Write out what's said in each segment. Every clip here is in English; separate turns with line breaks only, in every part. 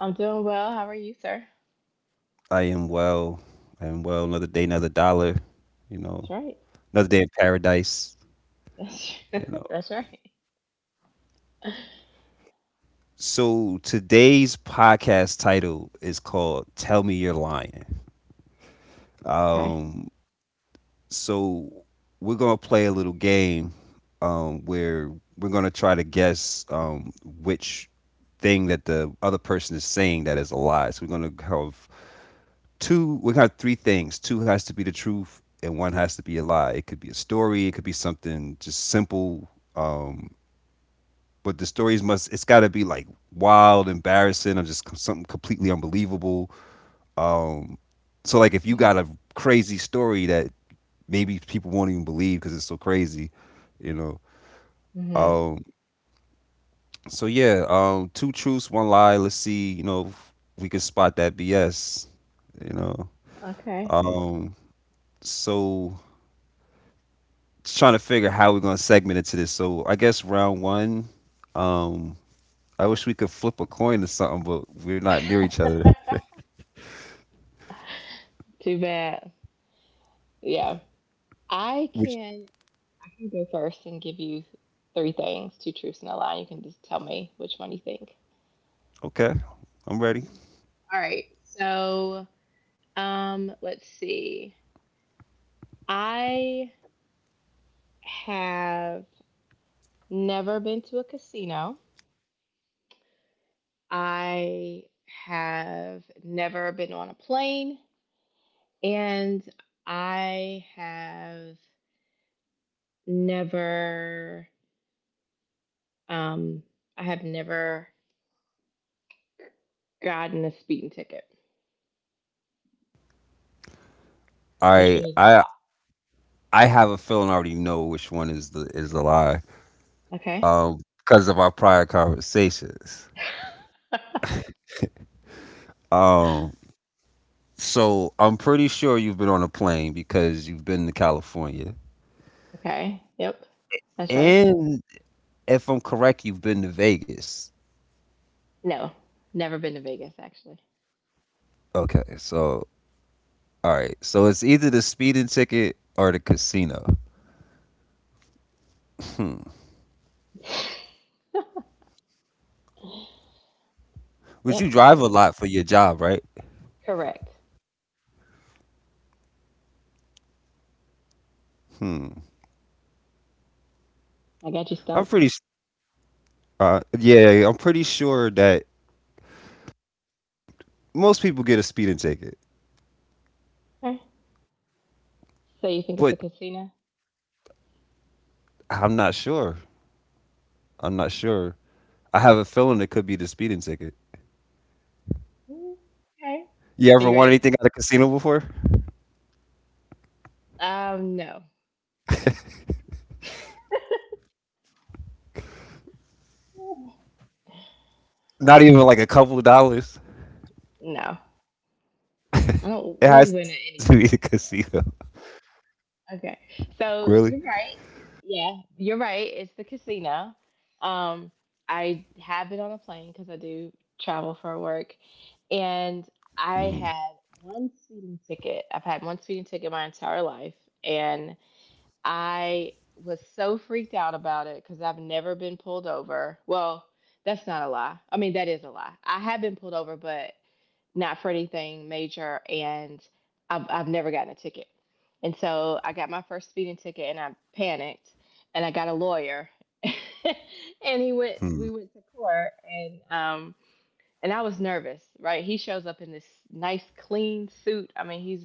I'm doing well. How are you, sir? That's right. That's, that's right. Okay. Mm-hmm. Okay. Too bad. Yeah. I can I can go first and give you three things, two truths and a lie. You can just tell me which one you think. Okay. All right. So, let's see. I have never been to a casino. I have never been on a plane. And I have never, um, I have never gotten a speeding ticket. Which one is the law? Okay. okay. Yep. That's right. No, never been to Vegas actually. yep, that's what it is. Correct. I got you stumped. Okay. So you think it's a casino? Mm, Okay. Are you ready? No. No. I don't really win at anything. Okay. So you're right. Yeah, you're right. It's the casino. Um, I have been on a plane because I do travel for work, and I had one speeding ticket. I've had one speeding ticket my entire life, and I was so freaked out about it because I've never been pulled over. Well, that's not a lie. I mean, that is a lie. I have been pulled over, but not for anything major, and I've never gotten a ticket. And so I got my first speeding ticket, and I panicked, and I got a lawyer, and he went. We went to court, and I was nervous, right? He shows up in this nice clean suit. I mean,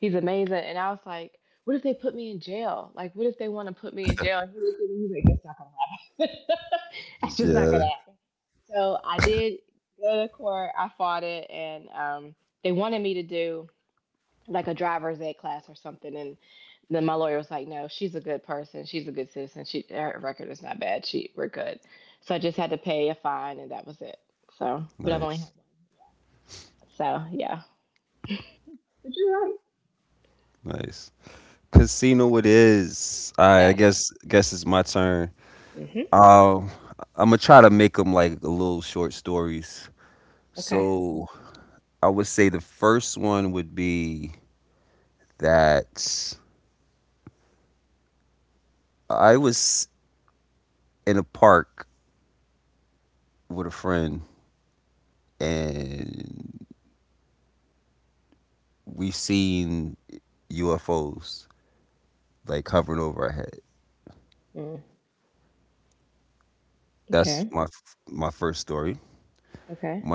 he's amazing. And I was like, what if they put me in jail? Like, what if they want to put me in jail? And he looked at me, he's like, that's not gonna happen. that's just not gonna happen. So I did go to court, I fought it, and they wanted me to do like a driver's ed class or something. And then my lawyer was like, "No, she's a good person. She's a good citizen. She her record is not bad. She we're good." So I just had to pay a fine, and that was it. So, but I've only had one. So yeah, but you're right. Yes. Mhm. Okay. Mm. Okay. Okay.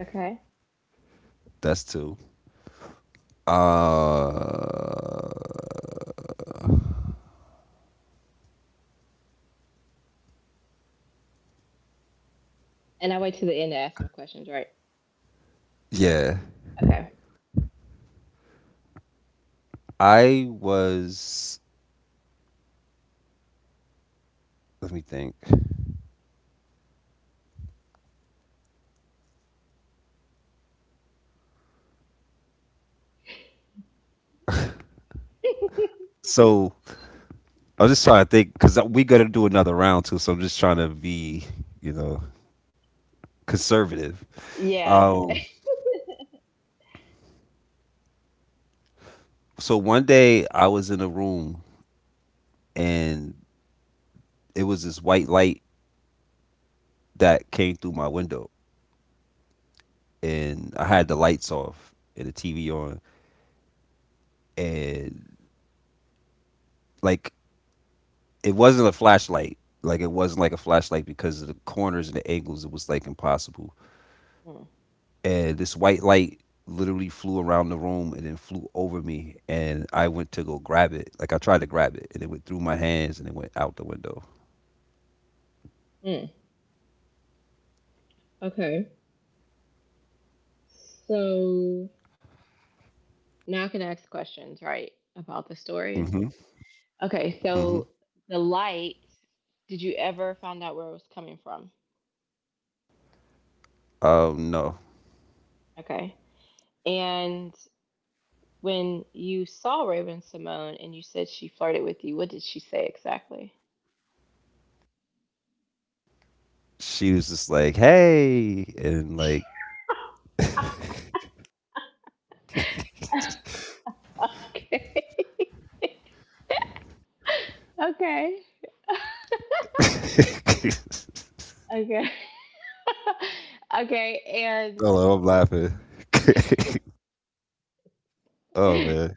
Okay. And I wait to the end to ask my questions, right? Okay. yeah. Mm. Mm. Okay. So now I can ask questions, right, about the stories. Okay, so the light, did you ever find out where it was coming from? Okay. And when you saw Raven Simone and you said she flirted with you, what did she say exactly? okay. okay. Okay. okay, and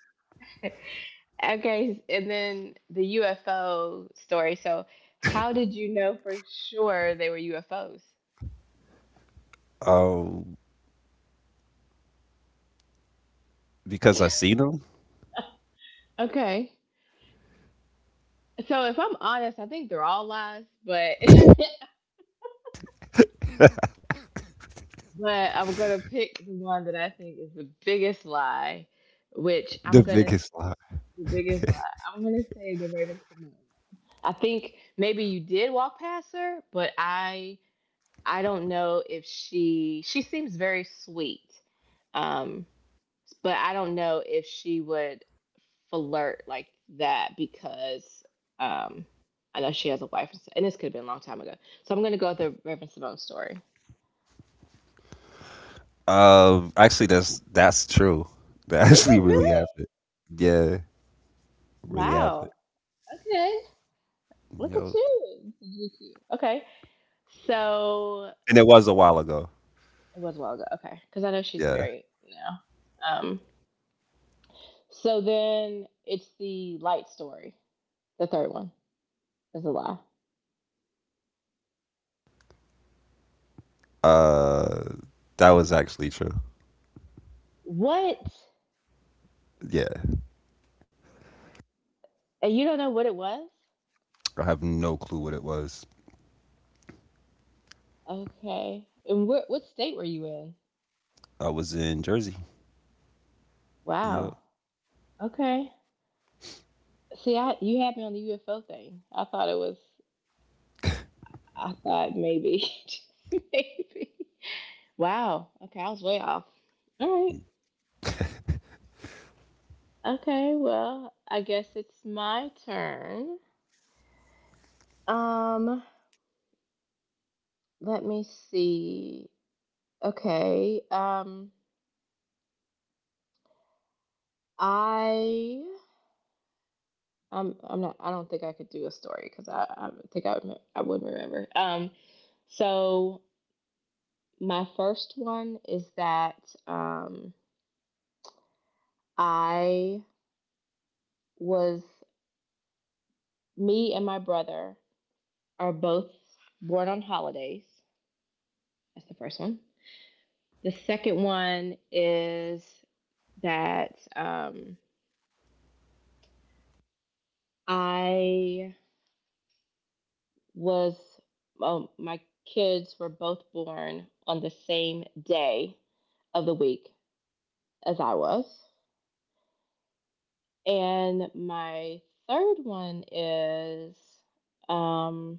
okay, and then the UFO story. So, how did you know for sure they were UFOs? Okay. So if I'm honest, I think they're all lies, but but I'm gonna pick the one that I think is the biggest lie, which I'm gonna the biggest lie. I'm gonna say the Raven Simone. I think maybe you did walk past her, but I don't know if she seems very sweet. Um, but I don't know if she would flirt like that because um, I know she has a wife, and s- and this could have been a long time ago. So I'm going to go with the Reverend Simone story. Is it really? Wow. Okay. Look at you. This is really cute. Okay. So it was a while ago. Okay. Because I know she's married now. Um, so then it's the light story, the third one. Is a lie. What? And you don't know what it was? Okay. And what state were you in? Wow. Okay. See, I you had me on the UFO thing. I thought it was. I thought maybe, just maybe. Wow. Okay, I was way off. All right. Okay. Well, I guess it's my turn. Um, Let me see. Okay. I. I'm. I'm not. I don't think I could do a story because I. I think I would. I wouldn't remember. So my first one is that um, I was, me and my brother are both born on holidays. That's the first one. The second one is that I was, well, my kids were both born on the same day of the week as I was. And my third one is um,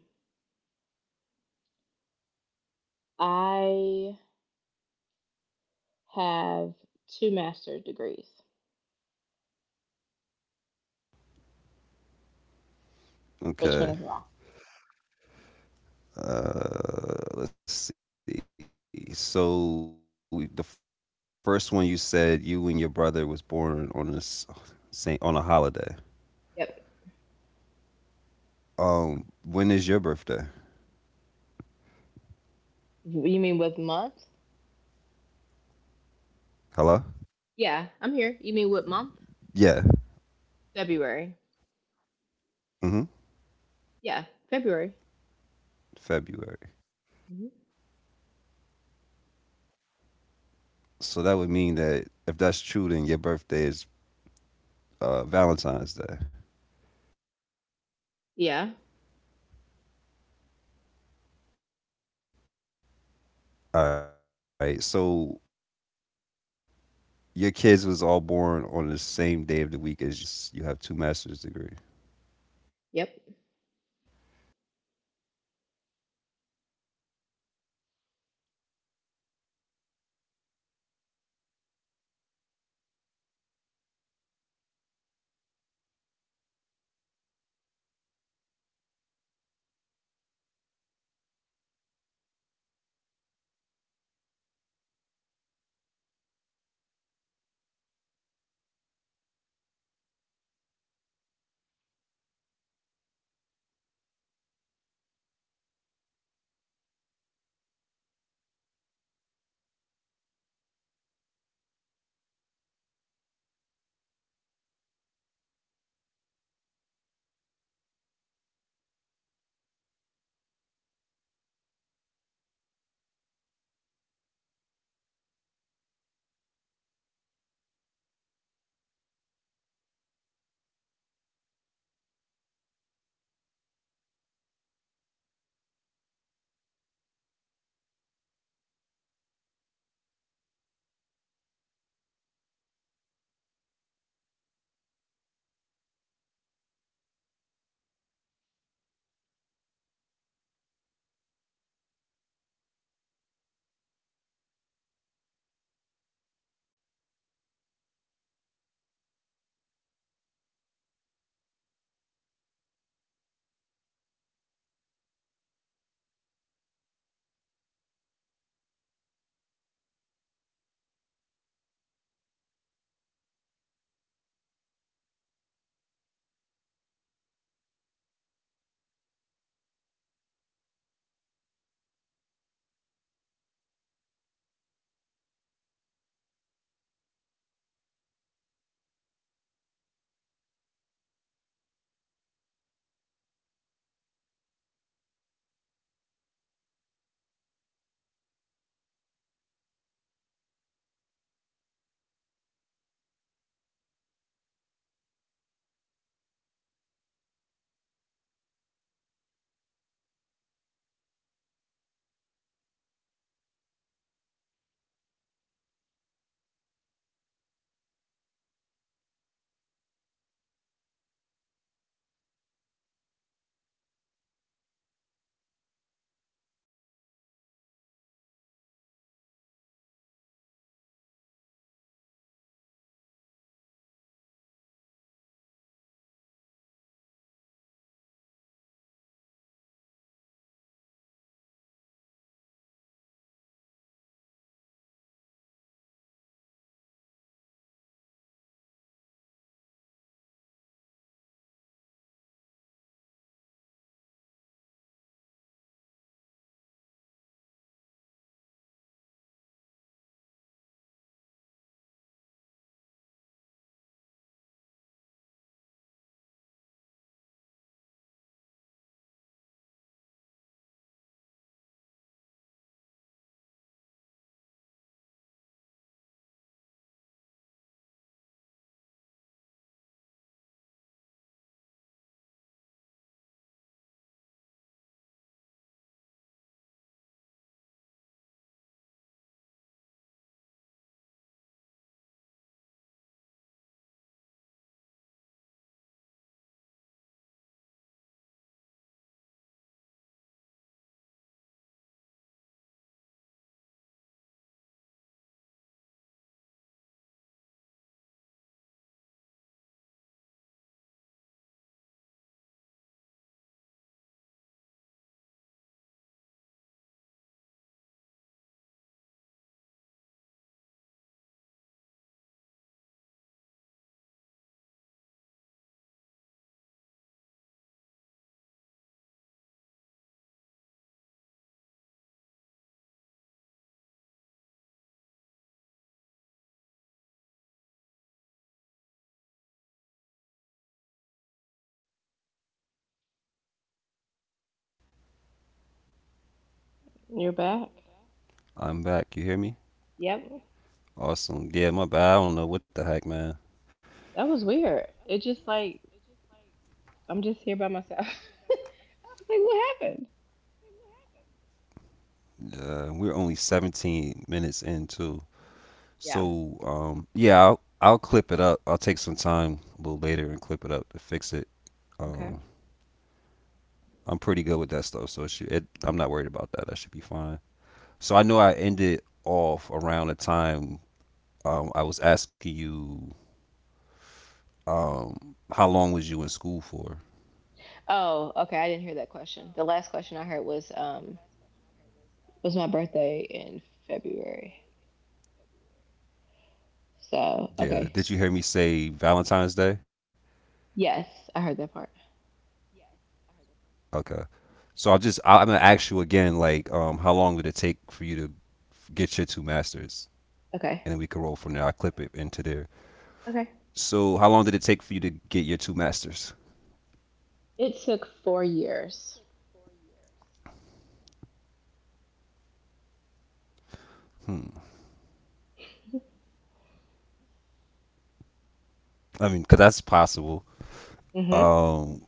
I have two master's degrees. Which one is a lie? Yep. You mean with month? Yeah, I'm here. You mean what month? February. Yeah, February. Mhm. Yeah. Yep.
Hello,
You're back.
I'm back. You hear me?
Yep.
Awesome. Yeah, my bad. I don't know what the heck, man.
That was weird. It just like I'm just here by myself. I was like, what happened?
We're only 17 minutes in too.
Yeah.
So, yeah, I'll clip it up. I'll take some time a little later and clip it up to fix it.
Okay.
Um, I'm pretty good with that stuff, so it should, I'm not worried about that. That should be fine. So I know I ended off around the time I was asking you how long was you in school for?
Oh, okay. I didn't hear that question. The last question I heard was my birthday in February. So
Yeah.
okay.
Did you hear me say Valentine's Day?
Yes, I heard that part.
Okay. So, I'm gonna ask you again, like, how long did it take for you to get your two masters,
Okay.
and then we can roll from there. I will clip it into there.
Okay.
So how long did it take for you to get your two masters?
It took 4 years.
Hmm. I mean, 'cause that's possible.
Mm-hmm.
Um,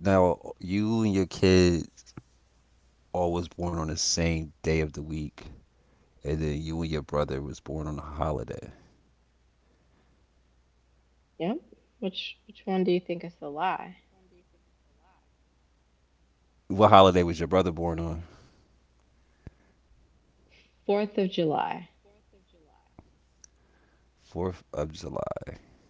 Now you and your kid all was born on the same day of the week, and then you and your brother was born on a holiday.
Yep. Which one do you think is the lie?
What holiday was your brother born on?
4th of July.
4th of July.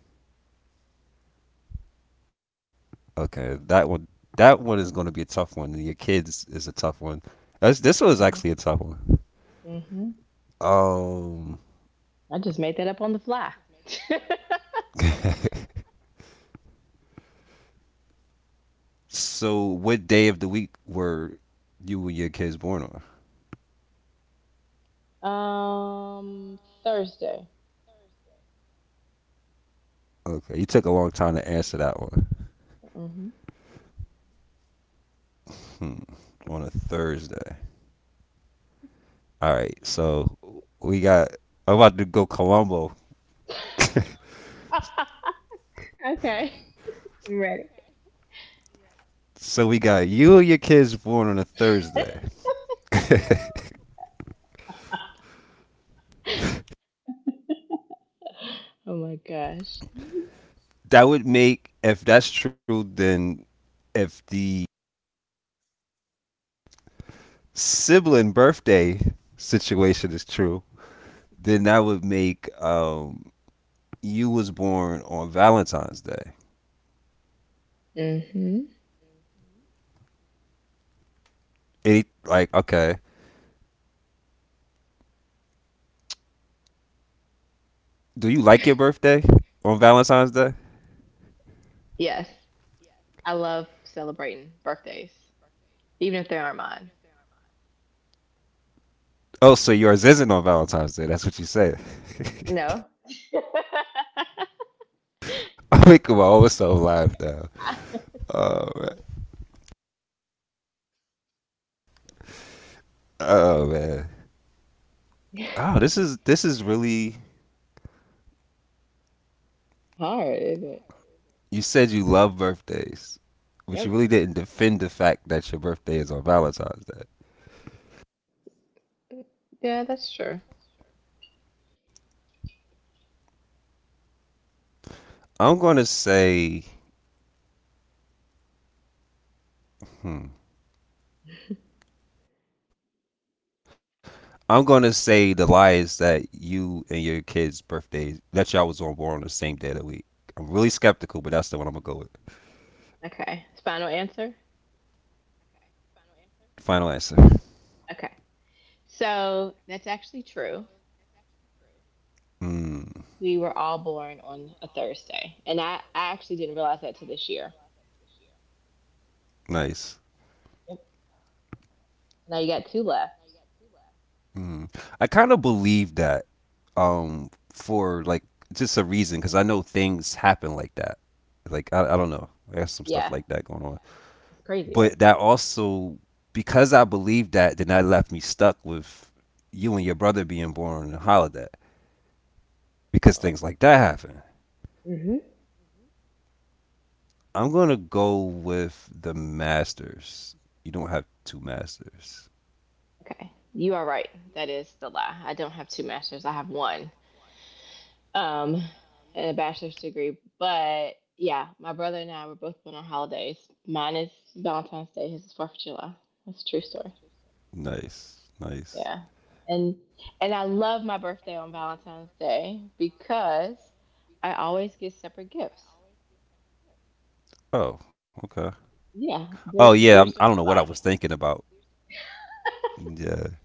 Okay, that one is going to be a tough one. Your kids is a tough one. This one is
Mm-hmm.
actually a tough one.
Mm-hmm.
Um,
I just made that up on the fly.
so what day of the week were you and your kids born on?
Thursday.
Okay, you took a long time to answer that one.
Mm-hmm.
Hmm. On a Thursday. All right, so we got. I'm about to go Colombo.
Okay, I'm ready.
so we got you and your kids born on a Thursday.
Oh my gosh.
That would make, if that's true, then if the sibling birthday situation is true, then that would make you was born on Valentine's Day.
Mm-hmm.
Any like okay, do you like your birthday on Valentine's Day?
Yes. I love celebrating birthdays, even if they aren't mine.
Oh, so yours isn't on Valentine's Day. That's what you say.
No.
I'm making my own self laugh now. Oh man. Oh man. Oh, this is really.
Hard, isn't it?
You said you love birthdays, but you really
Yep.
didn't defend the fact that your birthday is on Valentine's Day.
Yeah, that's true.
I'm going to say, hmm. I'm gonna say the lie is that you and your kids' birthdays that y'all was on board on the same day of the week. I'm really skeptical, but that's the one I'm gonna go with.
Okay. Final answer?
Final answer.
Okay. So that's actually true.
Mm,
We were all born on a Thursday. And I actually didn't realize that till this year.
nice.
Yep. Now you got two left.
Mm. I kind of believe that for like just a reason because I know things happen like that. Like I don't know, I got some stuff
Yeah.
like that going on.
It's crazy, right?
But that also because I believe that, then that left me stuck with you and your brother being born on a holiday because things like that happen.
Mm-hmm.
I'm gonna go with the Masters. You don't have two Masters.
Okay. You are right. That is the lie. I don't have two masters. I have one. Um and a bachelor's degree. But yeah, my brother and I were both born on holidays. Mine is Valentine's Day, his is 4th of July. That's a true story.
Nice,
Yeah.
nice.
And and I love my birthday on Valentine's Day because I always get separate gifts.
Oh, okay.
Yeah,
Oh yeah,
there's no
I don't know what I
combining.
was thinking about. Yeah,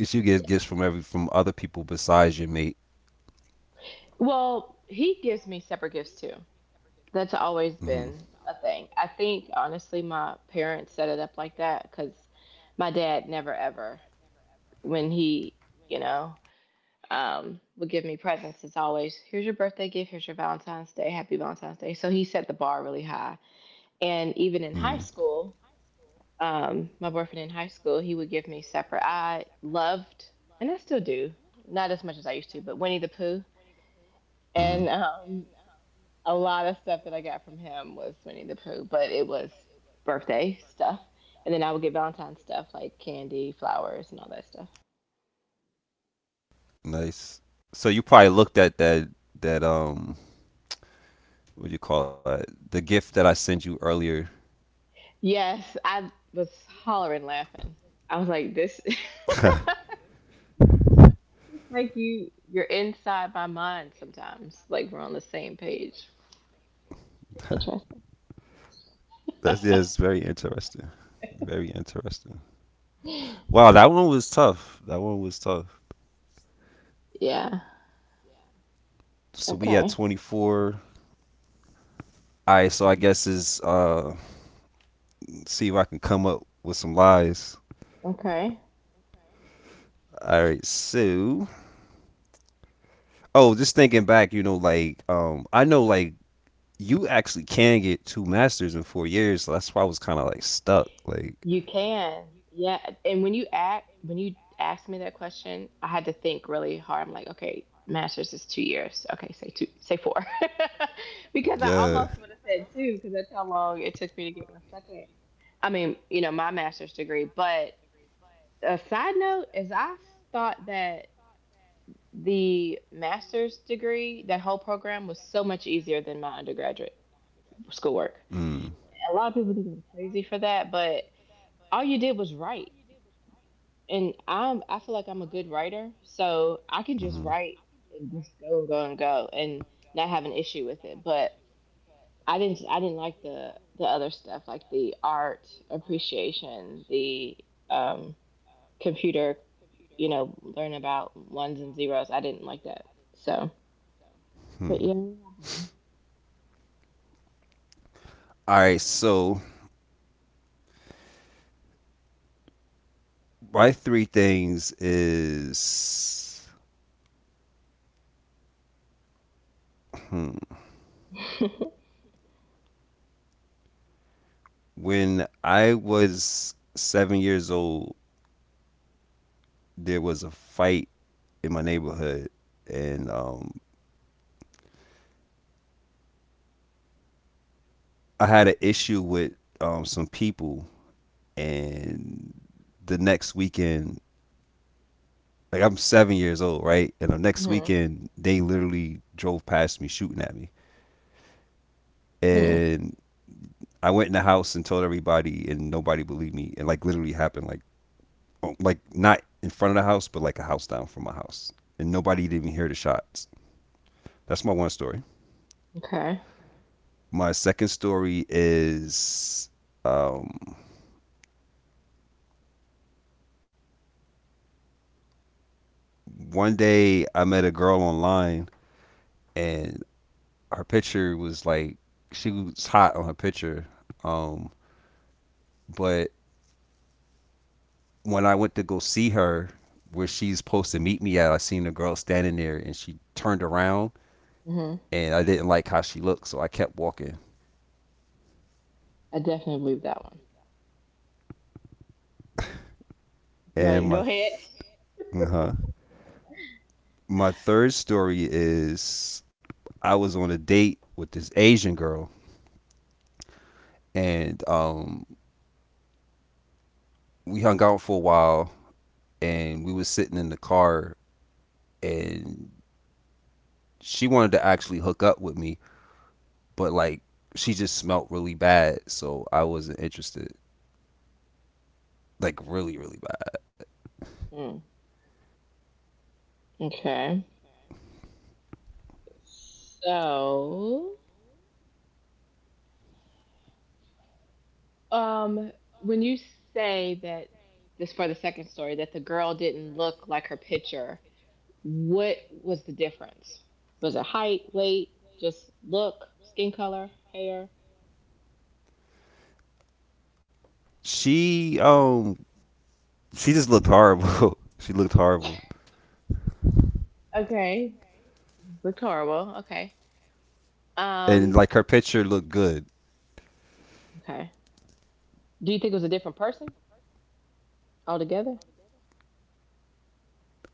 it's you get gifts from every from other people besides your mate.
Well, he gives me separate gifts too. That's always
Mm-hmm,
been a thing. I think honestly my parents set it up like that cuz my dad never ever when he, you know, would give me presents it's always here's your birthday gift, here's your Valentine's Day, happy Valentine's Day. So he set the bar really high. And even in high
mm-hmm,
school, my boyfriend in high school, he would give me separate. I loved, and I still do, not as much as I used to, but Winnie the Pooh.
mm-hmm.
And a lot of stuff that I got from him was Winnie the Pooh, but it was birthday stuff. And then I would get Valentine's stuff like candy, flowers, and all that stuff.
Nice. So you probably looked at that that um what do you call that the gift that I sent you earlier.
Yes, I was hollering laughing. I was like, this, like you're inside my mind sometimes. Like we're on the same page. Interesting.
That's yeah, it's very interesting. Very interesting. Wow, that one was tough. That one was tough.
yeah.
So we had
Okay.
24. All right, so I
Mm-hmm.
guess is see if I can come up with some lies.
Okay.
All right, so oh, just thinking back, you know, like I know like you actually can get two masters in 4 years, so that's why I was kind of like stuck, like
You can. Yeah. And when you asked me that question, I had to think really hard. I'm like, okay, master's is 2 years. Okay, say two, say four, because I
yeah,
almost would have said two because that's how long it took me to get my second. I mean, you know, my master's degree. But a side note is, I thought that the master's degree, that whole program, was so much easier than my undergraduate schoolwork.
mm,
A lot of people think I'm crazy for that, but all you did was write and I feel like I'm a good writer, so I can just
mm-hmm.
write and just go and go and go and not have an issue with it. But I didn't like the other stuff like the art appreciation, the um, computer, you know, learn about ones and zeros. I didn't like that. So, but
Hmm.
yeah, we
All right, so my three things is hmm,
have one.
when I was 7 years old, there was a fight in my neighborhood, and I had an issue with some people, and the next weekend, like I'm 7 years old, right? And the next
hmm.
weekend, they literally drove past me shooting at me,
Hmm.
and I went in the house and told everybody, and nobody believed me, and like literally happened, like oh, like not in front of the house, but like a house down from my house, and nobody didn't even hear the shots. That's my one story.
Okay.
My second story is um, one day I met a girl online and her picture was like she was hot on her picture. Um, but when I went to go see her, where she's supposed to meet me at, I seen a girl standing there, and she turned around,
Hmm.
and I didn't like how she looked, so I kept walking.
I definitely believe that one.
And
But go
my
ahead.
th- uh-huh. My third story is I was on a date with this Asian girl, and we hung out for a while, and we was sitting in the car, and she wanted to actually hook up with me but like she just smelled really bad, so I wasn't interested. Like really, really bad.
Mm. Okay. So um, when you say that this for the second story that the girl didn't look like her picture, what was the difference? Was it height, weight, just look, skin color, hair?
She um she just looked horrible. She looked horrible.
Okay, looked horrible. Okay.
And
Um,
like her picture looked good.
okay. Do you think it was a different person altogether?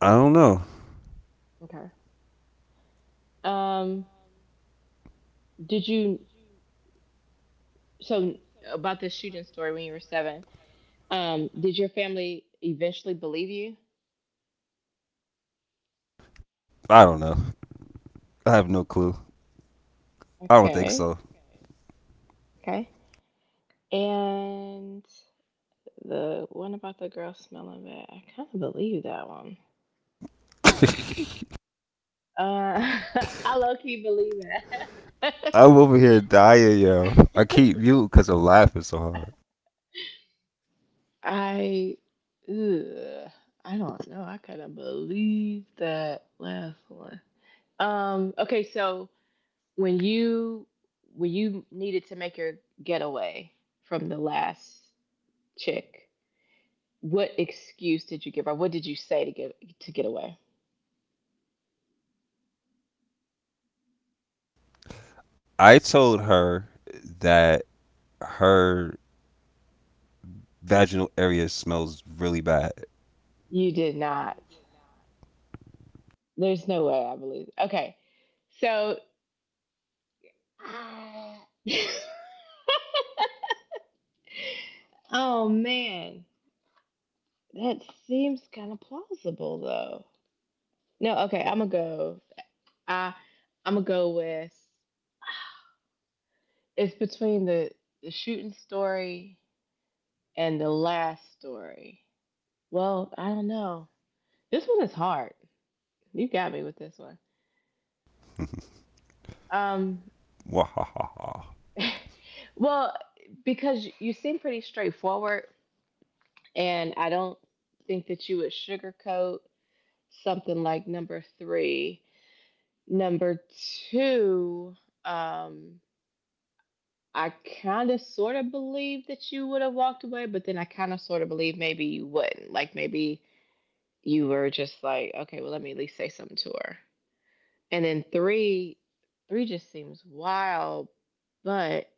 I don't know.
Okay. Um, did you so about this shooting story when you were seven? Did your family eventually believe you?
I don't know. I have no clue. I don't think
Okay.
so.
Okay. And the one about the girl smelling bad, I kind of believe that one. Uh, I low key believe that.
I'm over here dying, yo. I keep mute because I'm laughing so hard.
I, ugh, I don't know. I kind of believe that last one. Okay. So when you when you needed to make your getaway from the last chick, what excuse did you give her? What did you say to get away?
I told her that her vaginal area smells really bad.
You did not. There's no way I believe. Okay. So, oh man, that seems kind of plausible though. No, okay, I'm gonna go. I I'm gonna go with it's between the shooting story and the last story. Well, I don't know. This one is hard. You got me with this one. Um,
Wahahaha.
well, because you seem pretty straightforward, and I don't think that you would sugarcoat something like number three. Number two, um, I kind of sort of believe that you would have walked away, but then I kind of sort of believe maybe you wouldn't. Like maybe you were just like, okay, well, let me at least say something to her. And then three, three just seems wild, but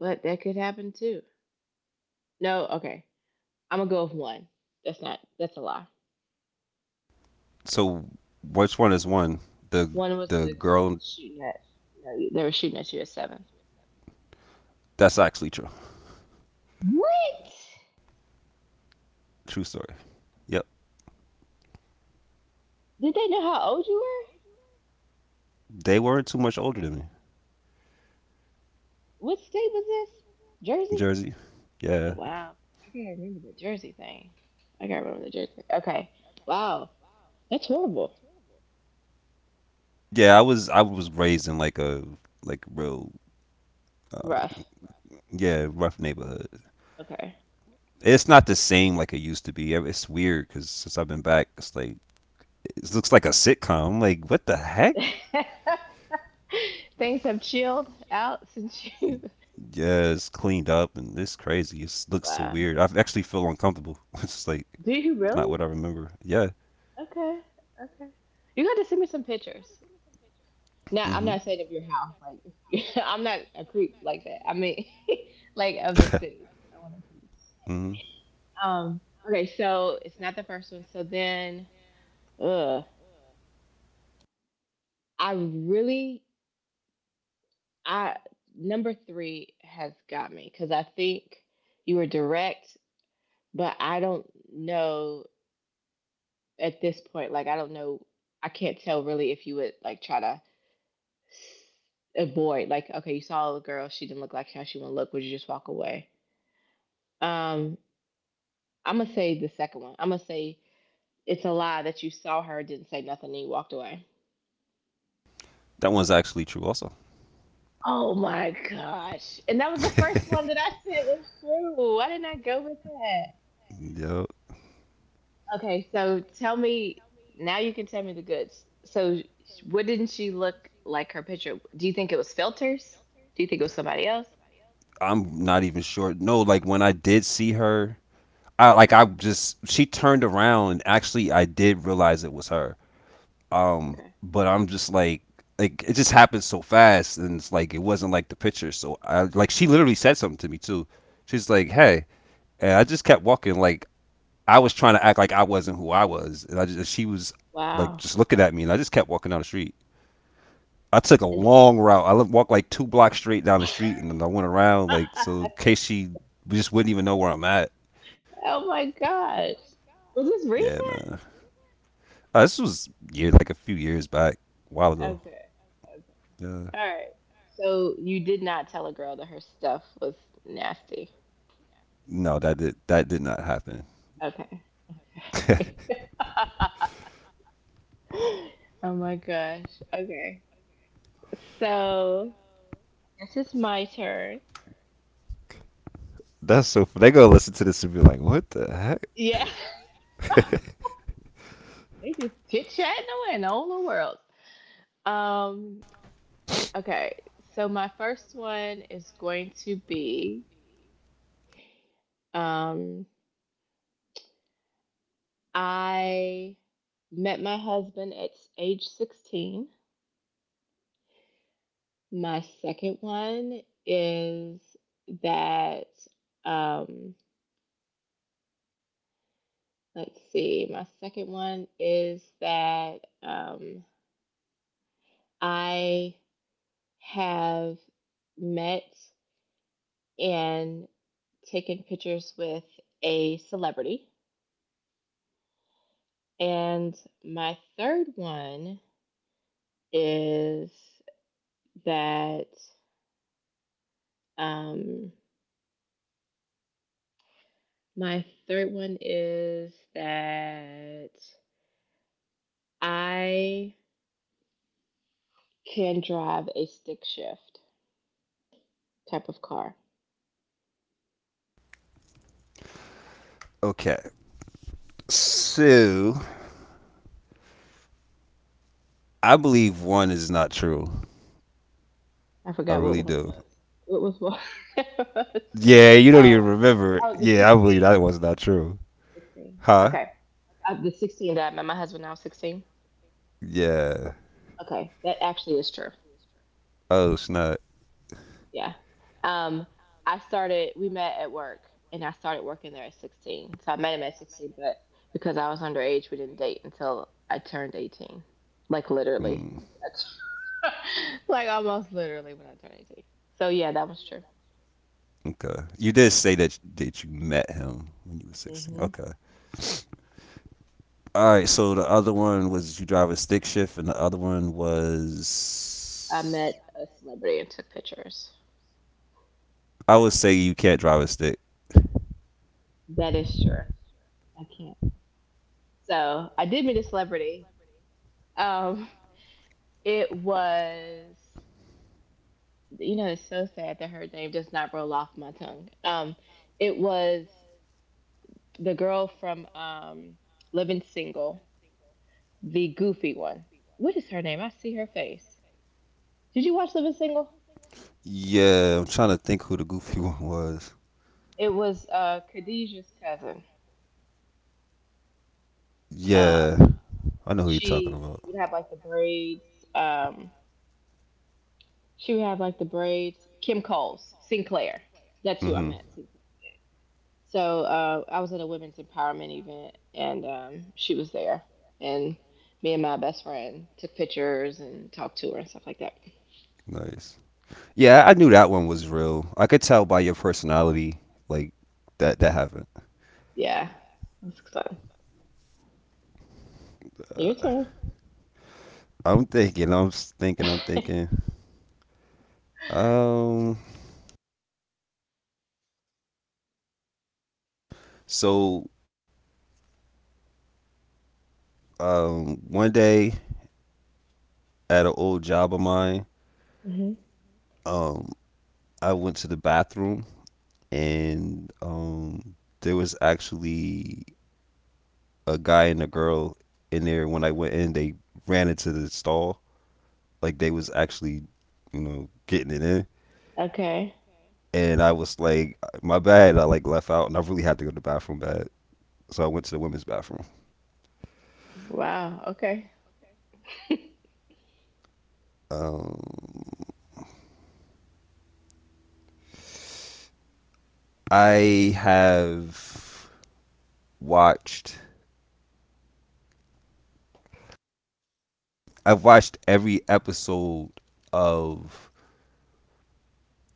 but that could happen too. No, okay, I'm gonna go with one. That's not that's a lie.
So which one is one? The
One was
the
the
girl
shooting at. No, they were shooting at you at seven.
that's actually true.
What?
True story. Yep.
Did they know how old you were?
They weren't too much older than me.
What state was this? Jersey?
Jersey.
Oh,
Yeah.
wow. I gotta remember the Jersey thing. I gotta remember the Jersey. Okay. Wow. That's horrible.
Yeah, I was raised in like a like real
Rough.
yeah, rough neighborhood.
Okay.
It's not the same like it used to be. It's weird cuz since I've been back, it's like it looks like a sitcom. I'm like, what the heck?
Things have chilled out since you.
Yeah, it's cleaned up and it's crazy. It looks so
Wow.
weird. I actually feel uncomfortable. It's like
Do you
it's not
really?
what I remember. Yeah.
Okay. Okay. You got to send me some pictures. Now,
Mhm.
I'm not saying of your house. Like, I'm not a creep like that. I mean, like of the city. I want to see.
Mhm.
Um, okay, so it's not the first one. So then, uh, I really, I number three has got me because I think you were direct, but I don't know at this point. Like, I don't know. I can't tell really if you would like try to avoid. Like, okay, you saw a girl, she didn't look like how she want to look. Would you just walk away? Um, I'm gonna say the second one. I'm gonna say it's a lie that you saw her, didn't say nothing, and you walked away.
That one's actually true also.
Oh my gosh. And that was the first one that I said was true. Why didn't I go with that?
Yo,
Okay, so tell me now you can tell me the goods. So what didn't she look like her picture? Do you think it was filters? Do you think it was somebody else?
I'm not even sure. No, like when I did see her, I like I just she turned around and actually I did realize it was her.
Okay.
But I'm just like it just happened so fast and it's like it wasn't like the picture. So I like She literally said something to me too. She's like, "Hey," and I just kept walking. Like I was trying to act like I wasn't who I was, and I just she was like
Wow.
just looking at me, and I just kept walking down the street. I took a
And
long route. I walked like two blocks straight down the street, and then I went around like so in case she just wouldn't even know where I'm at.
oh my gosh. Was this
Yeah,
recent?
man. This was year like a few years back, a while ago.
Okay. Okay.
Yeah.
All right. So you did not tell a girl that her stuff was nasty.
No, that did not happen.
Okay. Oh my gosh. Okay. So I guess it's my turn.
That's so. They gonna listen to this and be like, "What the heck?"
Yeah. They just chit chatting away in all the world. Um, okay. So my first one is going to be um I met my husband at age 16. My second one is that um let's see. My second one is that I have met and taken pictures with a celebrity. And my third one is that um, my third one is that I can drive a stick shift type of car.
Okay. So I believe one is not true.
I
I
forgot what
really
one
do.
was. What was one?
Yeah, you don't
oh,
even remember. It.
oh, the
Yeah, I believe
16.
that was not true.
16.
Huh?
Okay. The 16 that I met my husband, I was 16.
Yeah.
Okay. That actually is true.
Oh snap.
Yeah. Um, we met at work and I started working there at 16. So I met him at 16, but because I was underage, we didn't date until I turned 18. Like literally.
Mm.
like almost literally when I turned 18. So yeah, that was true.
Okay. You did say that you met him when you were 16.
Hmm.
Okay. All right. So the other one was you drive a stick shift, and the other one
I
was
met a celebrity and took pictures.
I would say you can't drive a stick.
That is true. I can't. So I did meet a celebrity. Um, It was, it's so sad that her name does not roll off my tongue. It was the girl from Living Single, the goofy one. What is her name? I see her face. Did you watch Living Single?
Yeah, I'm trying to think who the goofy one was.
It was Khadijah's cousin. Um,
Yeah, I know who you're talking
she
about.
would have like the braids. She would have like the braids. Kim Coles, Sinclair. That's who I
Mm-hmm.
met. So I was at a women's empowerment event, and she was there, and me and my best friend took pictures and talked to her and stuff like that.
Nice. Yeah, I knew that one was real. I could tell by your personality, like that that happened.
Yeah, it was fun. Your
Uh,
turn.
I'm thinking. Thinking. I'm thinking. Um. So one day at an old job of mine,
Hmm.
um, I went to the bathroom and there was actually a guy and a girl in there. When I went in, they ran into the stall like they was actually, you know, getting it in.
Okay.
And I was like, my bad. I like left out, and I really had to go to the bathroom bad, so I went to the women's bathroom.
Wow. Okay.
Um, I have watched. I've watched every episode of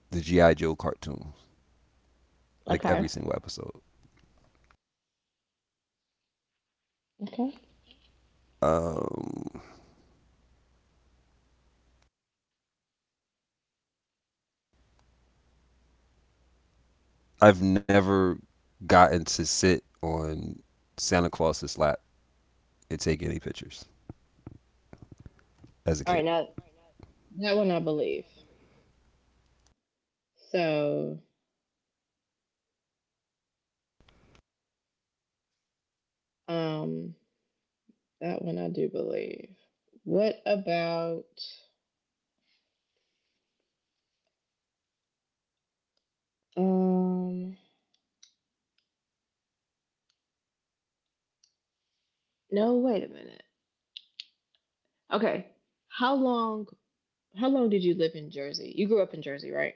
the GI Joe cartoon. Like
Okay.
every single episode.
Okay.
Um, I've never gotten to sit on Santa Claus's lap and take any pictures
All
as a
right.
kid.
Now that one I believe. So um, that one I do believe. What about um? No. Wait a minute. Okay. How long How long did you live in Jersey? You grew up in Jersey, right?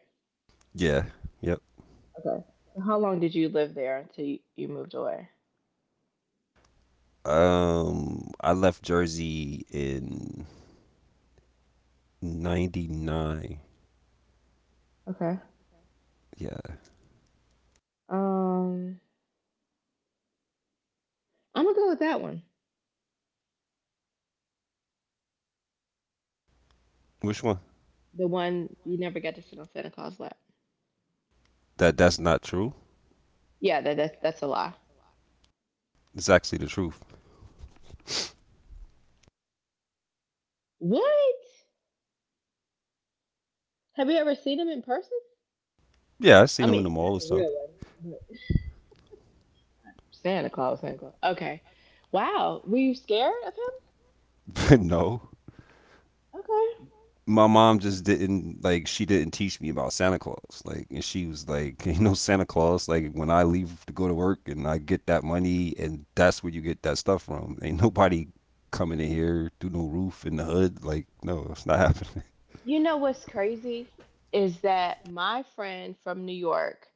Yeah. Yep.
Okay. So how long did you live there until you moved away?
I left Jersey in '99.
Okay.
Yeah.
Um, I'm gonna go with that one.
Which one?
The one you never got to sit on Santa Claus' lap.
That that's not true.
Yeah, that's a lie.
It's actually the truth.
What? Have you ever seen him in person?
Yeah, I
I
seen him in
mean,
the
not
mall and
the real
stuff.
one, but Santa Claus, Santa Claus. Okay. Wow. Were you scared of him?
No,
Okay.
my mom just didn't like she didn't teach me about Santa Claus. Like and she was like, you know, Santa Claus, like when I leave to go to work and I get that money and that's where you get that stuff from. Ain't nobody coming in here through no roof in the hood. Like, no, it's not happening.
You know what's crazy is that my friend from New York,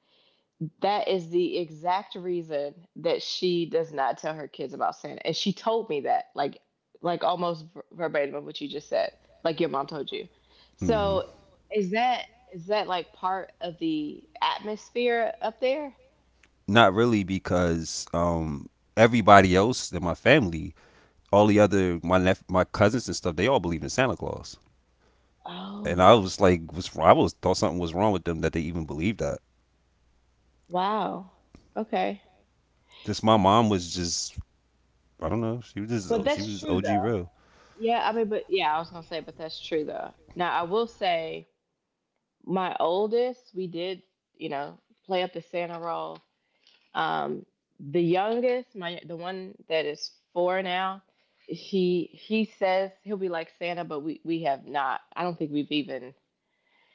that is the exact reason that she does not tell her kids about Santa. And she told me that, like almost verbatim of what you just said, like your mom told you. So
hmm
is that is that like part of the atmosphere up there?
Not really because everybody else in my family, all the other my cousins and stuff, they all believe in Santa Claus. And I
Oh,
was like, was I was thought something was wrong with them that they even believed that.
wow. Okay.
This My mom was just I don't know.
But
She was
that's
just
true
OG
though.
real.
Yeah, I mean, but yeah, I was gonna say, but that's true though. Now I will say, my oldest, we did, you know, play up the Santa role. Um, the youngest, my the one that is four now, he says he'll be like Santa, but we have not. I don't think we've even.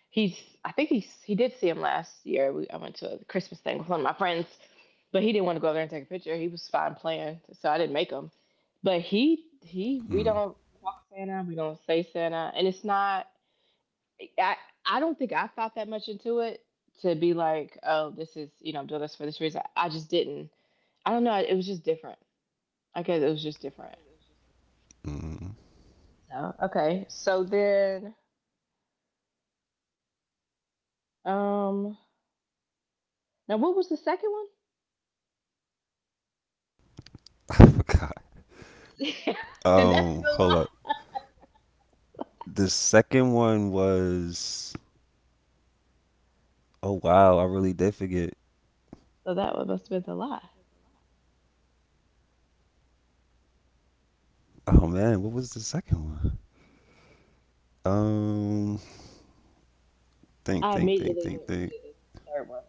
He's I think he did see him last year. I went to a Christmas thing with one of my friends, but he didn't want to go over there and take a picture. He was fine playing, so I didn't make him. But he we
Mm,
don't talk Santa. We don't say Santa, and it's not. I I don't think I thought that much into it to be like, oh, this is I'm doing this for this reason. I just didn't. I don't know. It was just different. I guess it was just different.
mm.
So okay. So then, um, now what was the second one?
I forgot.
then that's the
Hold up.
lie.
The second one was oh wow, I really did forget.
So that one must have been the lie.
Oh man, what was the second one? Um,
I immediately
think,
went to
think.
the third one.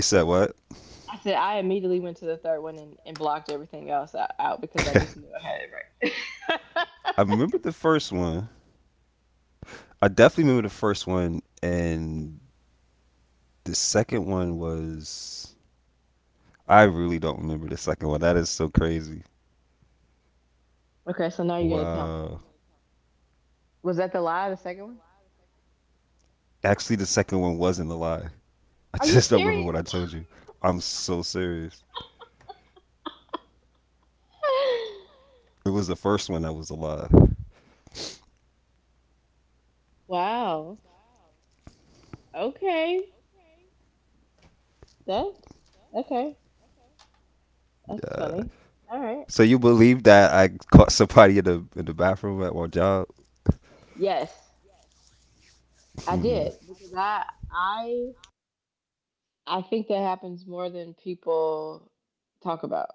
You said what?
I said I immediately went to the third one and blocked everything else out because I
I
just knew I had it right.
remember the first one. I definitely remember the first one, and the second one was. I really don't remember the second one. That is so crazy.
Okay, so now you gotta tell me.
Wow.
Was that the lie, the second one?
Actually, the second one wasn't a lie. I
Are you
just don't remember
serious?
what I told you. I'm so serious. It was the first one that was alive.
Wow. Okay. That's okay. That's funny. All right.
So you believe that I caught somebody in the bathroom at my job?
Yes, I
yeah,
did because I I think that happens more than people talk about.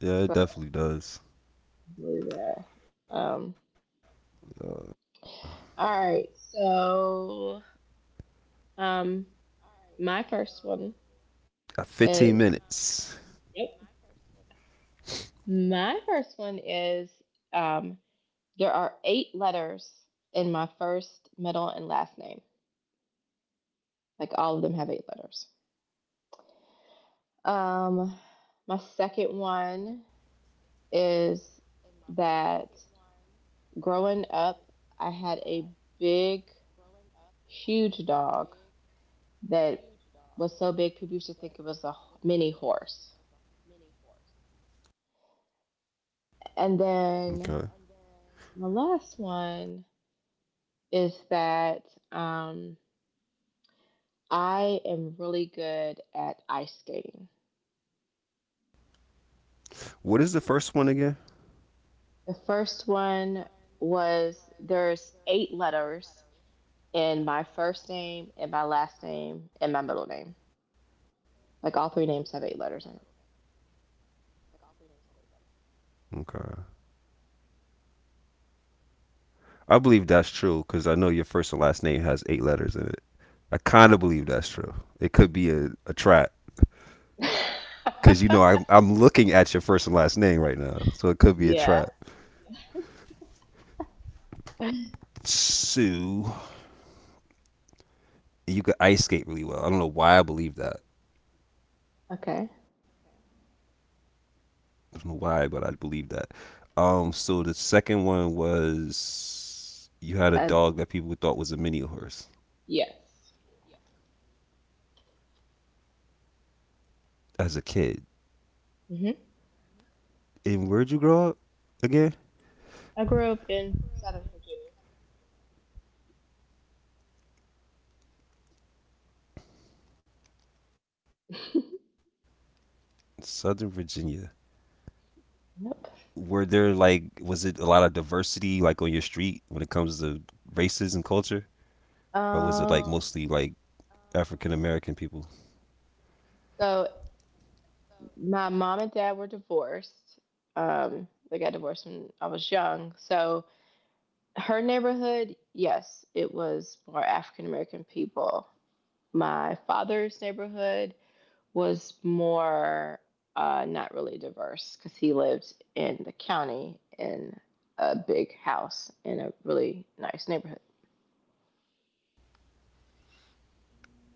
it
So I
definitely does.
believe that. All right. So um, my first
Got
one
15 minutes.
is yep. My first one is um. There are eight letters in my first, middle, and last name. Like all of them have eight letters. Um, my second one is that growing up, I had a big, huge dog that was so big people used to think it was a mini horse. And
Okay.
then my last one is that um, I am really good at ice skating.
What is the first one again?
The first one was there's eight letters in my first name and my last name and my middle name. Like all three names have eight letters in
Okay. I believe that's true because I know your first and last name has eight letters in it. I kind of believe that's true. It could be a trap
it.
because you know I, I'm looking at your first and last name right now, so it could be a trap.
Yeah.
So you could ice skate really well. I don't know why I believe that.
Okay.
I don't know why, but I believe that. So the second one was you had a
Uh,
dog that people thought was a mini horse
yes.
as a kid.
Mhm.
And where'd you grow up again?
I grew up in Southern Virginia.
Southern Virginia. Were there
Yep.
like was it a lot of diversity like on your street when it comes to races and culture, or was it like mostly
Um.
like African American people?
So my mom and dad were divorced. They got divorced when I was young. So her neighborhood, yes, it was more African American people. My father's neighborhood was more not really diverse because he lived in the county in a big house in a really nice neighborhood.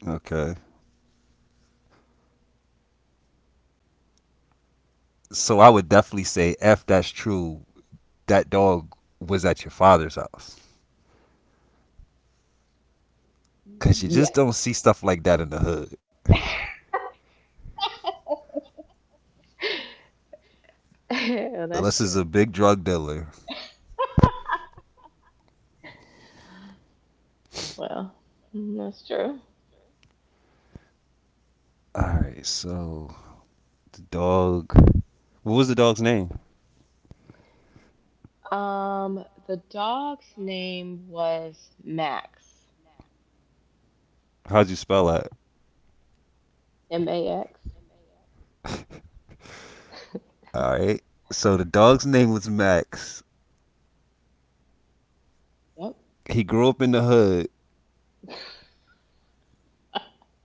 Okay. So I would definitely say, if that's true, that dog was at your father's house. Cause you just
Yeah.
don't see stuff like that in the hood.
Well, that's
Unless it's a
true.
big drug dealer.
Well, that's true.
Alright, so the dog what was the dog's name?
The dog's name was Max.
How'd you spell that?
M A X.
Alright. So the dog's name was Max.
Yep.
He grew up in the hood.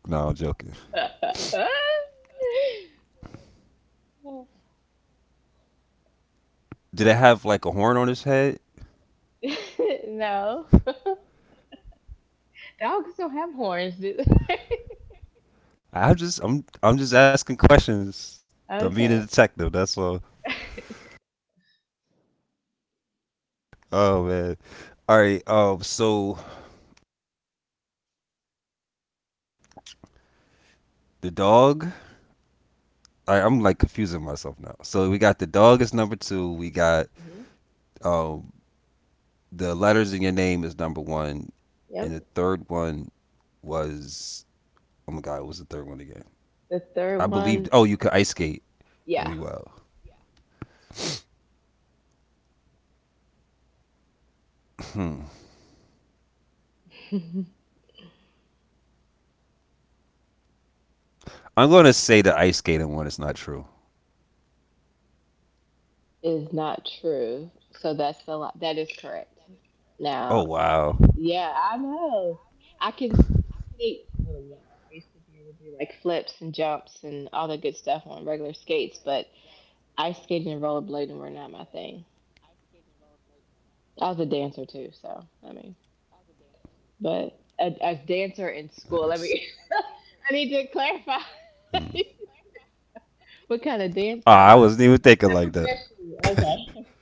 No, I'm joking. Did it have like a horn on his head?
No, dogs don't have horns, do they?
I just I'm just asking questions. I'm being a
Okay.
detective, that's all. Oh man. Alright, so the dog I'm like confusing myself now. So we got the dog as number two. We got
Mhm.
um the letters in your name is number one, and
Yep.
the third one was oh my god, what was the third one again?
The
I
third
believed.
one,
Oh, you could ice skate
yeah,
really well.
is
I'm gonna say the ice skating one is not true.
not true. So that's the that is correct. Now,
Oh wow,
yeah, I know. I can skate really well. I used to be able to do like flips and jumps and all that good stuff on regular skates, but ice skating and rollerblading were not my thing. I was a dancer too, so I mean, but a dancer in school.
nice.
Let me. I need to clarify.
Hmm.
what kind of
Oh,
dancer I
I
was.
wasn't even thinking
Not
like that.
professionally. Okay.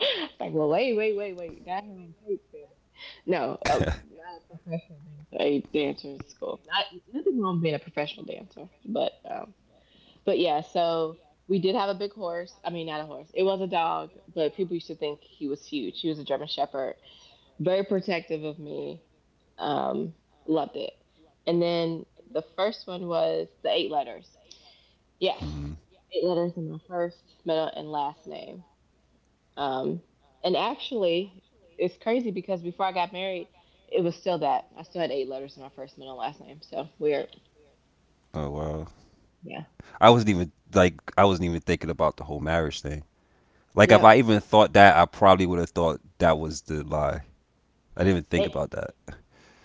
It's like, well, wait, wait, wait, wait. Got her on tape, said it. No, not a professional dancer. A dancer in school. Not nothing wrong with being a professional dancer, but yeah. So we did have a big horse. I mean, not a horse. It was a dog, but people used to think he was huge. He was a German Shepherd. Very protective of me. Um, loved it. And then the first one was the eight letters. Yes.
Mhm.
Eight letters in my first, middle, and last name. Um, and actually, it's crazy because before I got married, it was still that. I still had eight letters in my first, middle, and last name. So weird.
Oh wow,
Yeah.
I wasn't even like I wasn't even thinking about the whole marriage thing. Like if
Yep.
I even thought that, I probably would have thought that was the lie. I didn't even think
And,
about that.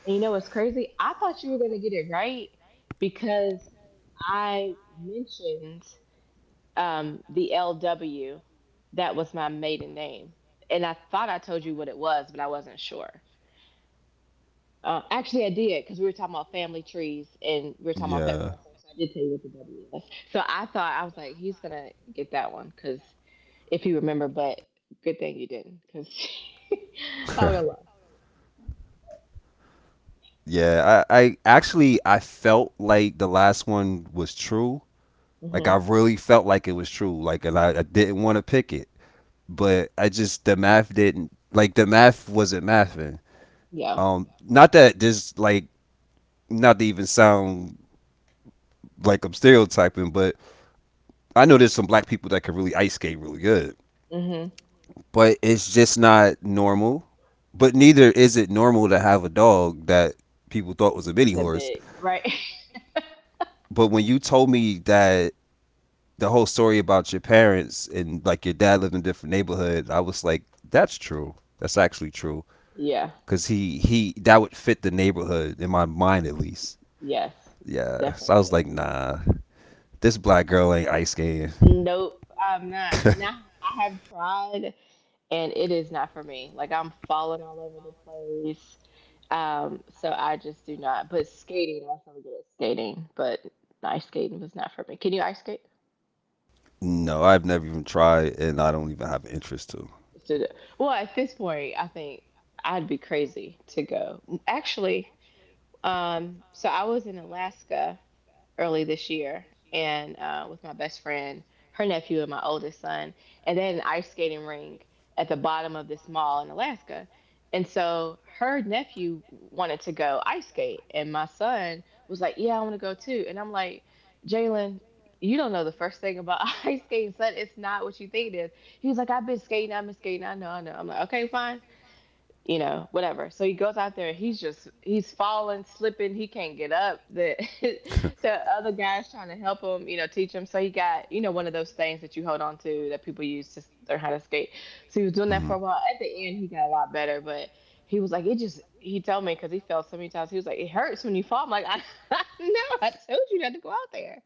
and you know what's crazy? I thought you were going to get it right because I mentioned the LW. That was my maiden name. And I thought I told you what it was, but I wasn't sure. Actually, I did because we were talking about family trees and we were talking about family
Yeah.
last night. So I did tell you what the W was. So I thought I was like, he's gonna get that one because if he remember, but good thing you didn't because I would have lost.
Yeah, I actually I felt like the last one was true. Like I
Hmm.
really felt like it was true. Like and I didn't want to pick it, but I just the math didn't like the math wasn't mathing.
Yeah.
Not that this like not to even sound like I'm stereotyping, but I know there's some black people that can really ice skate really good,
Hmm.
but it's just not normal. But neither is it normal to have a dog that people thought was a mini
It's a
horse.
big right.
But when you told me that the whole story about your parents and like your dad lived in a different neighborhood, I was like, that's true. That's actually true.
Yeah.
Cause he that would fit the neighborhood in my mind at least.
Yes.
Yeah. So
Definitely
I was like,
did.
nah, this black girl ain't ice skating.
Nope. I'm not. And I I have tried. And it is not for me. Like I'm falling all over the place. So I just do not. But skating, I was really good at skating, but ice skating was not for me. Can you ice skate?
no, I've never even tried, and I don't even have an interest to.
Well, at this point, I think I'd be crazy to go. Actually, so I was in Alaska early this year and with my best friend, her nephew, and my oldest son. And they had an ice skating rink at the bottom of this mall in Alaska. And so her nephew wanted to go ice skate, and my son was like, "Yeah, I want to go too." And I'm like, "Jalen, you don't know the first thing about ice skating, son. It's not what you think it is." He was like, "I've been skating. I've been skating. I know. I know." I'm like, "Okay, fine, you know, whatever." So he goes out there and he's falling, slipping, he can't get up. The the other guy's trying to help him, teach him. So he got, one of those things that you hold on to that people use to learn how to skate. So he was doing that
Hmm.
for a while. At the end he got a lot better, but he was like, it just he told me because he fell so many times, he was like, it hurts when you fall. I'm like, I, know, I told you not to go out there.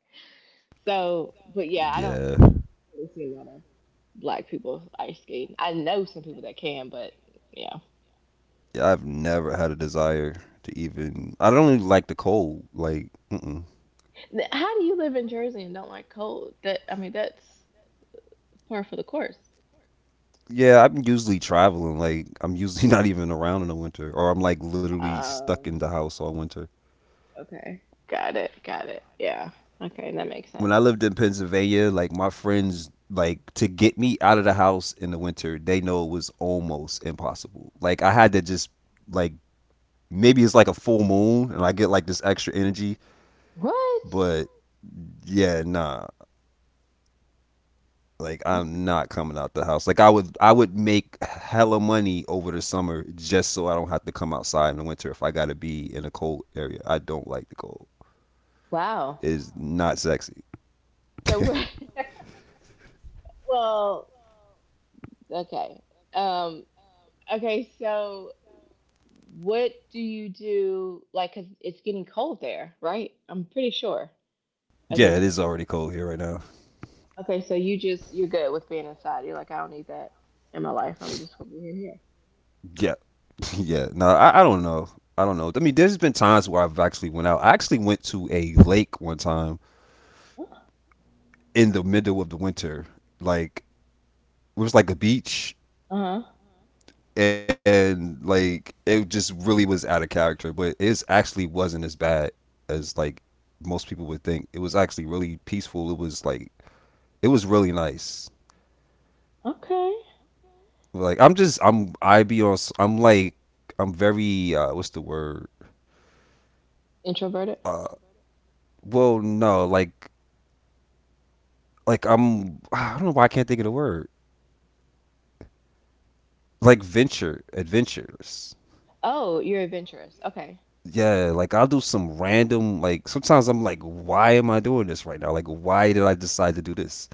So but yeah, I don't
Yeah.
really see a lot of black people ice skating. I know some people that can, but yeah.
Yeah, I've never had a desire to even. I don't even like the cold. Like, mm-mm.
How do you live in Jersey and don't like cold? That I mean, that's par for the course.
Yeah, I'm usually traveling. Like, I'm usually not even around in the winter, or I'm like literally stuck in
Um.
the house all winter.
Okay. Got it. Got it. Yeah. Okay, that makes
When I
sense.
lived in Pennsylvania, like my friends, like to get me out of the house in the winter, they know it was almost impossible. Like, I had to just like maybe it's like a full moon, and I get like this extra energy.
What?
But yeah, nah, like
Okay.
I'm not coming out the house. Like I would make hella money over the summer just so I don't have to come outside in the winter if I gotta be in a cold area. I don't like the cold.
Wow.
It's not sexy.
So what? Well, okay. Um. Okay. So, what do you do? Like, cause it's getting cold there, right? I'm pretty sure at
yeah,
this
it
point.
is already cold here right now.
Okay. So you're good with being inside. You're like, I don't need that in my life. I'm just gonna be in here.
Yeah, yeah. No, I don't know. I don't know. I mean, there's been times where I've actually went out. I actually went to a lake one time in the middle of the winter. Like it was like a beach
Uh huh.
and like it just really was out of character. But it actually wasn't as bad as like most people would think. It was actually really peaceful. It was like it was really nice.
Okay.
Like I'm just I be on I'm like I'm very what's the word?
Introverted.
Uh well no, like I'm I don't know why I can't think of the word. Like venture adventures.
Oh, you're adventurous. Okay.
Yeah, like I'll do some random like sometimes I'm like why am I doing this right now? Like why did I decide to do this?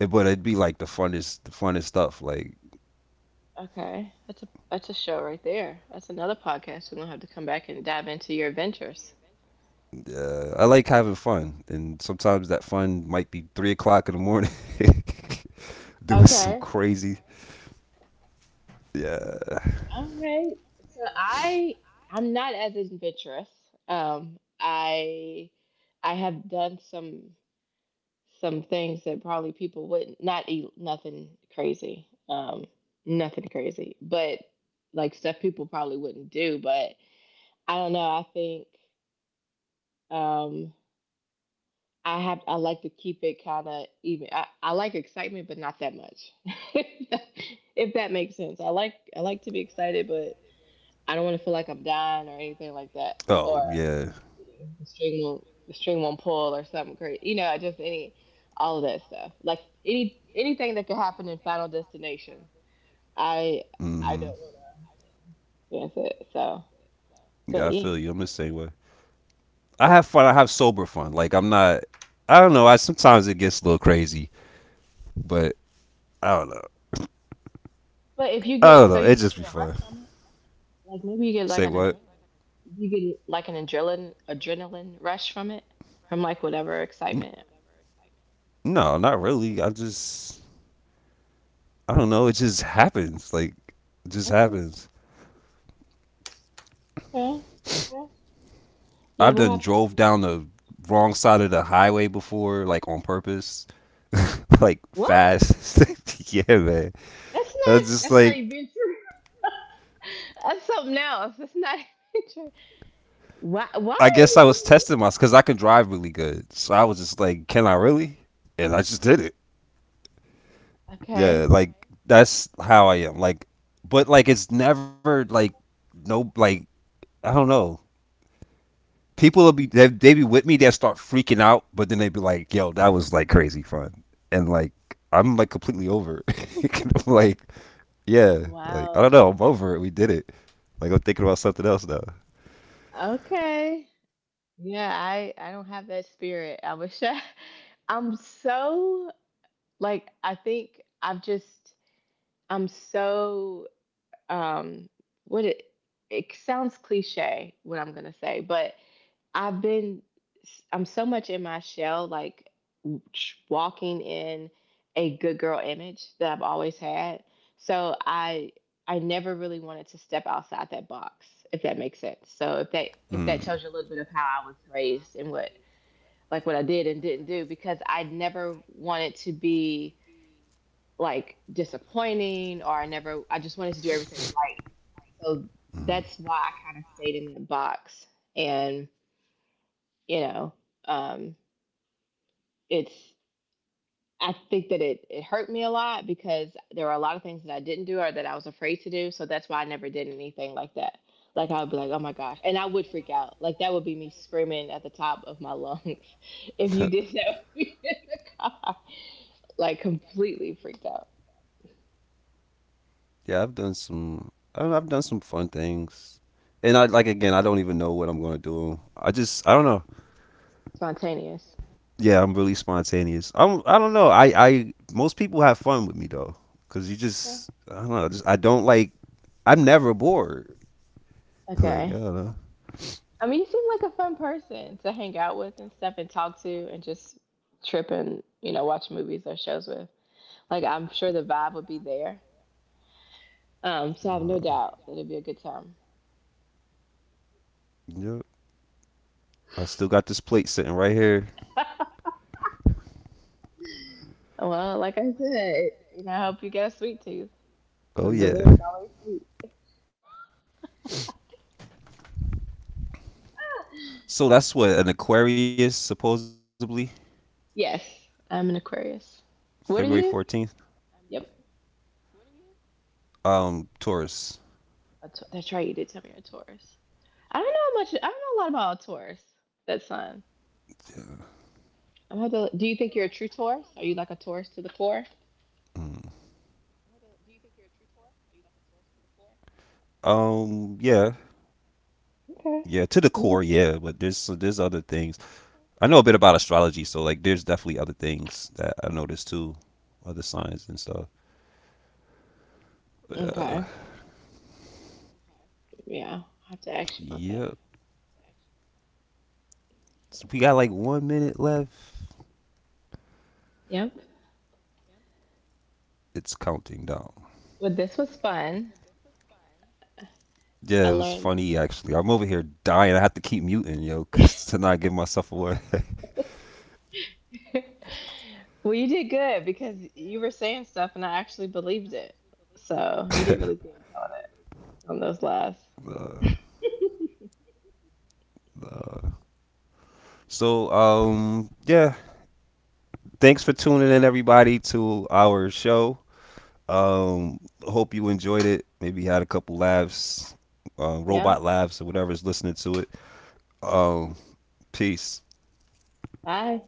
But it'd be like the funnest stuff. Like
Okay. That's a show right there. That's another podcast. We're gonna have to come back and dive into your adventures.
I like having fun, and sometimes that fun might be 3 o'clock in the morning, doing some
Okay.
crazy. Yeah.
All right. So I'm not as adventurous. Um I I have done some things that probably people wouldn't, not eat nothing crazy. Nothing crazy. But like stuff people probably wouldn't do, but I don't know. I think, um I like to keep it kind of even. I like excitement, but not that much. If that makes sense, I like to be excited, but I don't want to feel like I'm dying or anything like that, or
Oh yeah.
the string won't pull or something crazy. You know, just any all of that stuff. Like anything that could happen in Final Destination, I I don't
Hmm.
want to experience it. So,
Yeah,
but
I feel
yeah,
you. I'm the same way. I have fun. I have sober fun. Like I'm not. I don't know. I sometimes it gets a little crazy, but I don't know.
but if you
I don't
get so
know. It
you must
just be
get a
fun.
rush from it. Like maybe you get like
Say
an
what?
adrenaline. You get like an adrenaline rush from it, from like whatever
N-
excitement.
No, not really. I just. I don't know. It just happens. Like, it just
Okay,
happens.
okay, okay. Yeah,
I've
we'll
done
have to.
drove down the wrong side of the highway before, like on purpose, like
What?
fast. yeah, man.
That's
I
not.
was just
That's not
like,
even true. That's something else. That's not even true. Why? Why
I guess
would
I was
you?
testing myself because I can drive really good. So I was just like, can I really? And I just did it. Yeah,
Okay.
like that's how I am. Like, but like it's never like no like I don't know. People will be they be with me. They will start freaking out, but then they be like, yo, that was like crazy fun, and like I'm like completely over. It. like yeah, like I
Wow.
don't know, I'm over it. We did it. Like I'm thinking about something else now.
Okay. Yeah, I don't have that spirit. I wish I. I'm so, like, I think I've just I'm so, um what it sounds cliche what I'm gonna say, but i've been I'm so much in my shell, like walking in a good girl image that I've always had. So I never really wanted to step outside that box, if that makes sense. So if that
Mm.
tells you a little bit of how I was raised and what like, what I did and didn't do, because I never wanted to be like disappointing, or I never I just wanted to do everything right. So that's why I kind of stayed in that box. And, you know, um, it's, I think that it hurt me a lot because there were a lot of things that I didn't do or that I was afraid to do. So that's why I never did anything like that. Like I would be like, oh my gosh. And I would freak out. Like that would be me screaming at the top of my lungs if you did that with me in the car. Like completely freaked out.
Yeah, I've done some. I don't know, I've done some fun things, and I like again. I don't even know what I'm gonna do. I just I don't know.
Spontaneous.
Yeah, I'm really spontaneous. I don't know. I most people have fun with me though, cause you
Okay.
just I don't know. Just I don't like. I'm never bored. Like
Okay.
I don't know.
I mean, you seem like a fun person to hang out with and stuff and talk to and just trip and, watch movies or shows with. Like, I'm sure the vibe would be there. So I have no
No.
doubt that it'd be a good time.
Yep. I still got this plate sitting right here.
Well, like I said, I hope you get a sweet tooth. The
Oh yeah.
dessert's always sweet.
So that's what an Aquarius supposedly
Yes, I'm an Aquarius. What
February
are you?
14th.
Yep.
Taurus.
That's right, you did tell me you're a Taurus. I don't know much, I don't know a lot about a Taurus, that sign. I'm going have to, do you think you're a true Taurus? Are you like a Taurus to the core?
Mm. Yeah,
Okay.
yeah, to the core, yeah. But there's so there's other things. I know a bit about astrology, so like there's definitely other things that I noticed too, other signs and stuff.
Okay.
Yeah,
Yeah. I'll have to ask you about that.
yeah. So we got like 1 minute left.
Yep.
It's counting down.
Well, this was fun. I
Yeah, it
learned.
was funny actually. I'm over here dying. I have to keep muting, yo, 'cause to not give myself away.
Well, you did good because you were saying stuff and I actually believed it. So you did really good telling us on those lies.
Nah, nah. So, yeah. Thanks for tuning in, everybody, to our show. Um, hope you enjoyed it. Maybe had a couple laughs,
Yeah.
robot laughs, or whatever is listening to it. Um, peace.
Bye.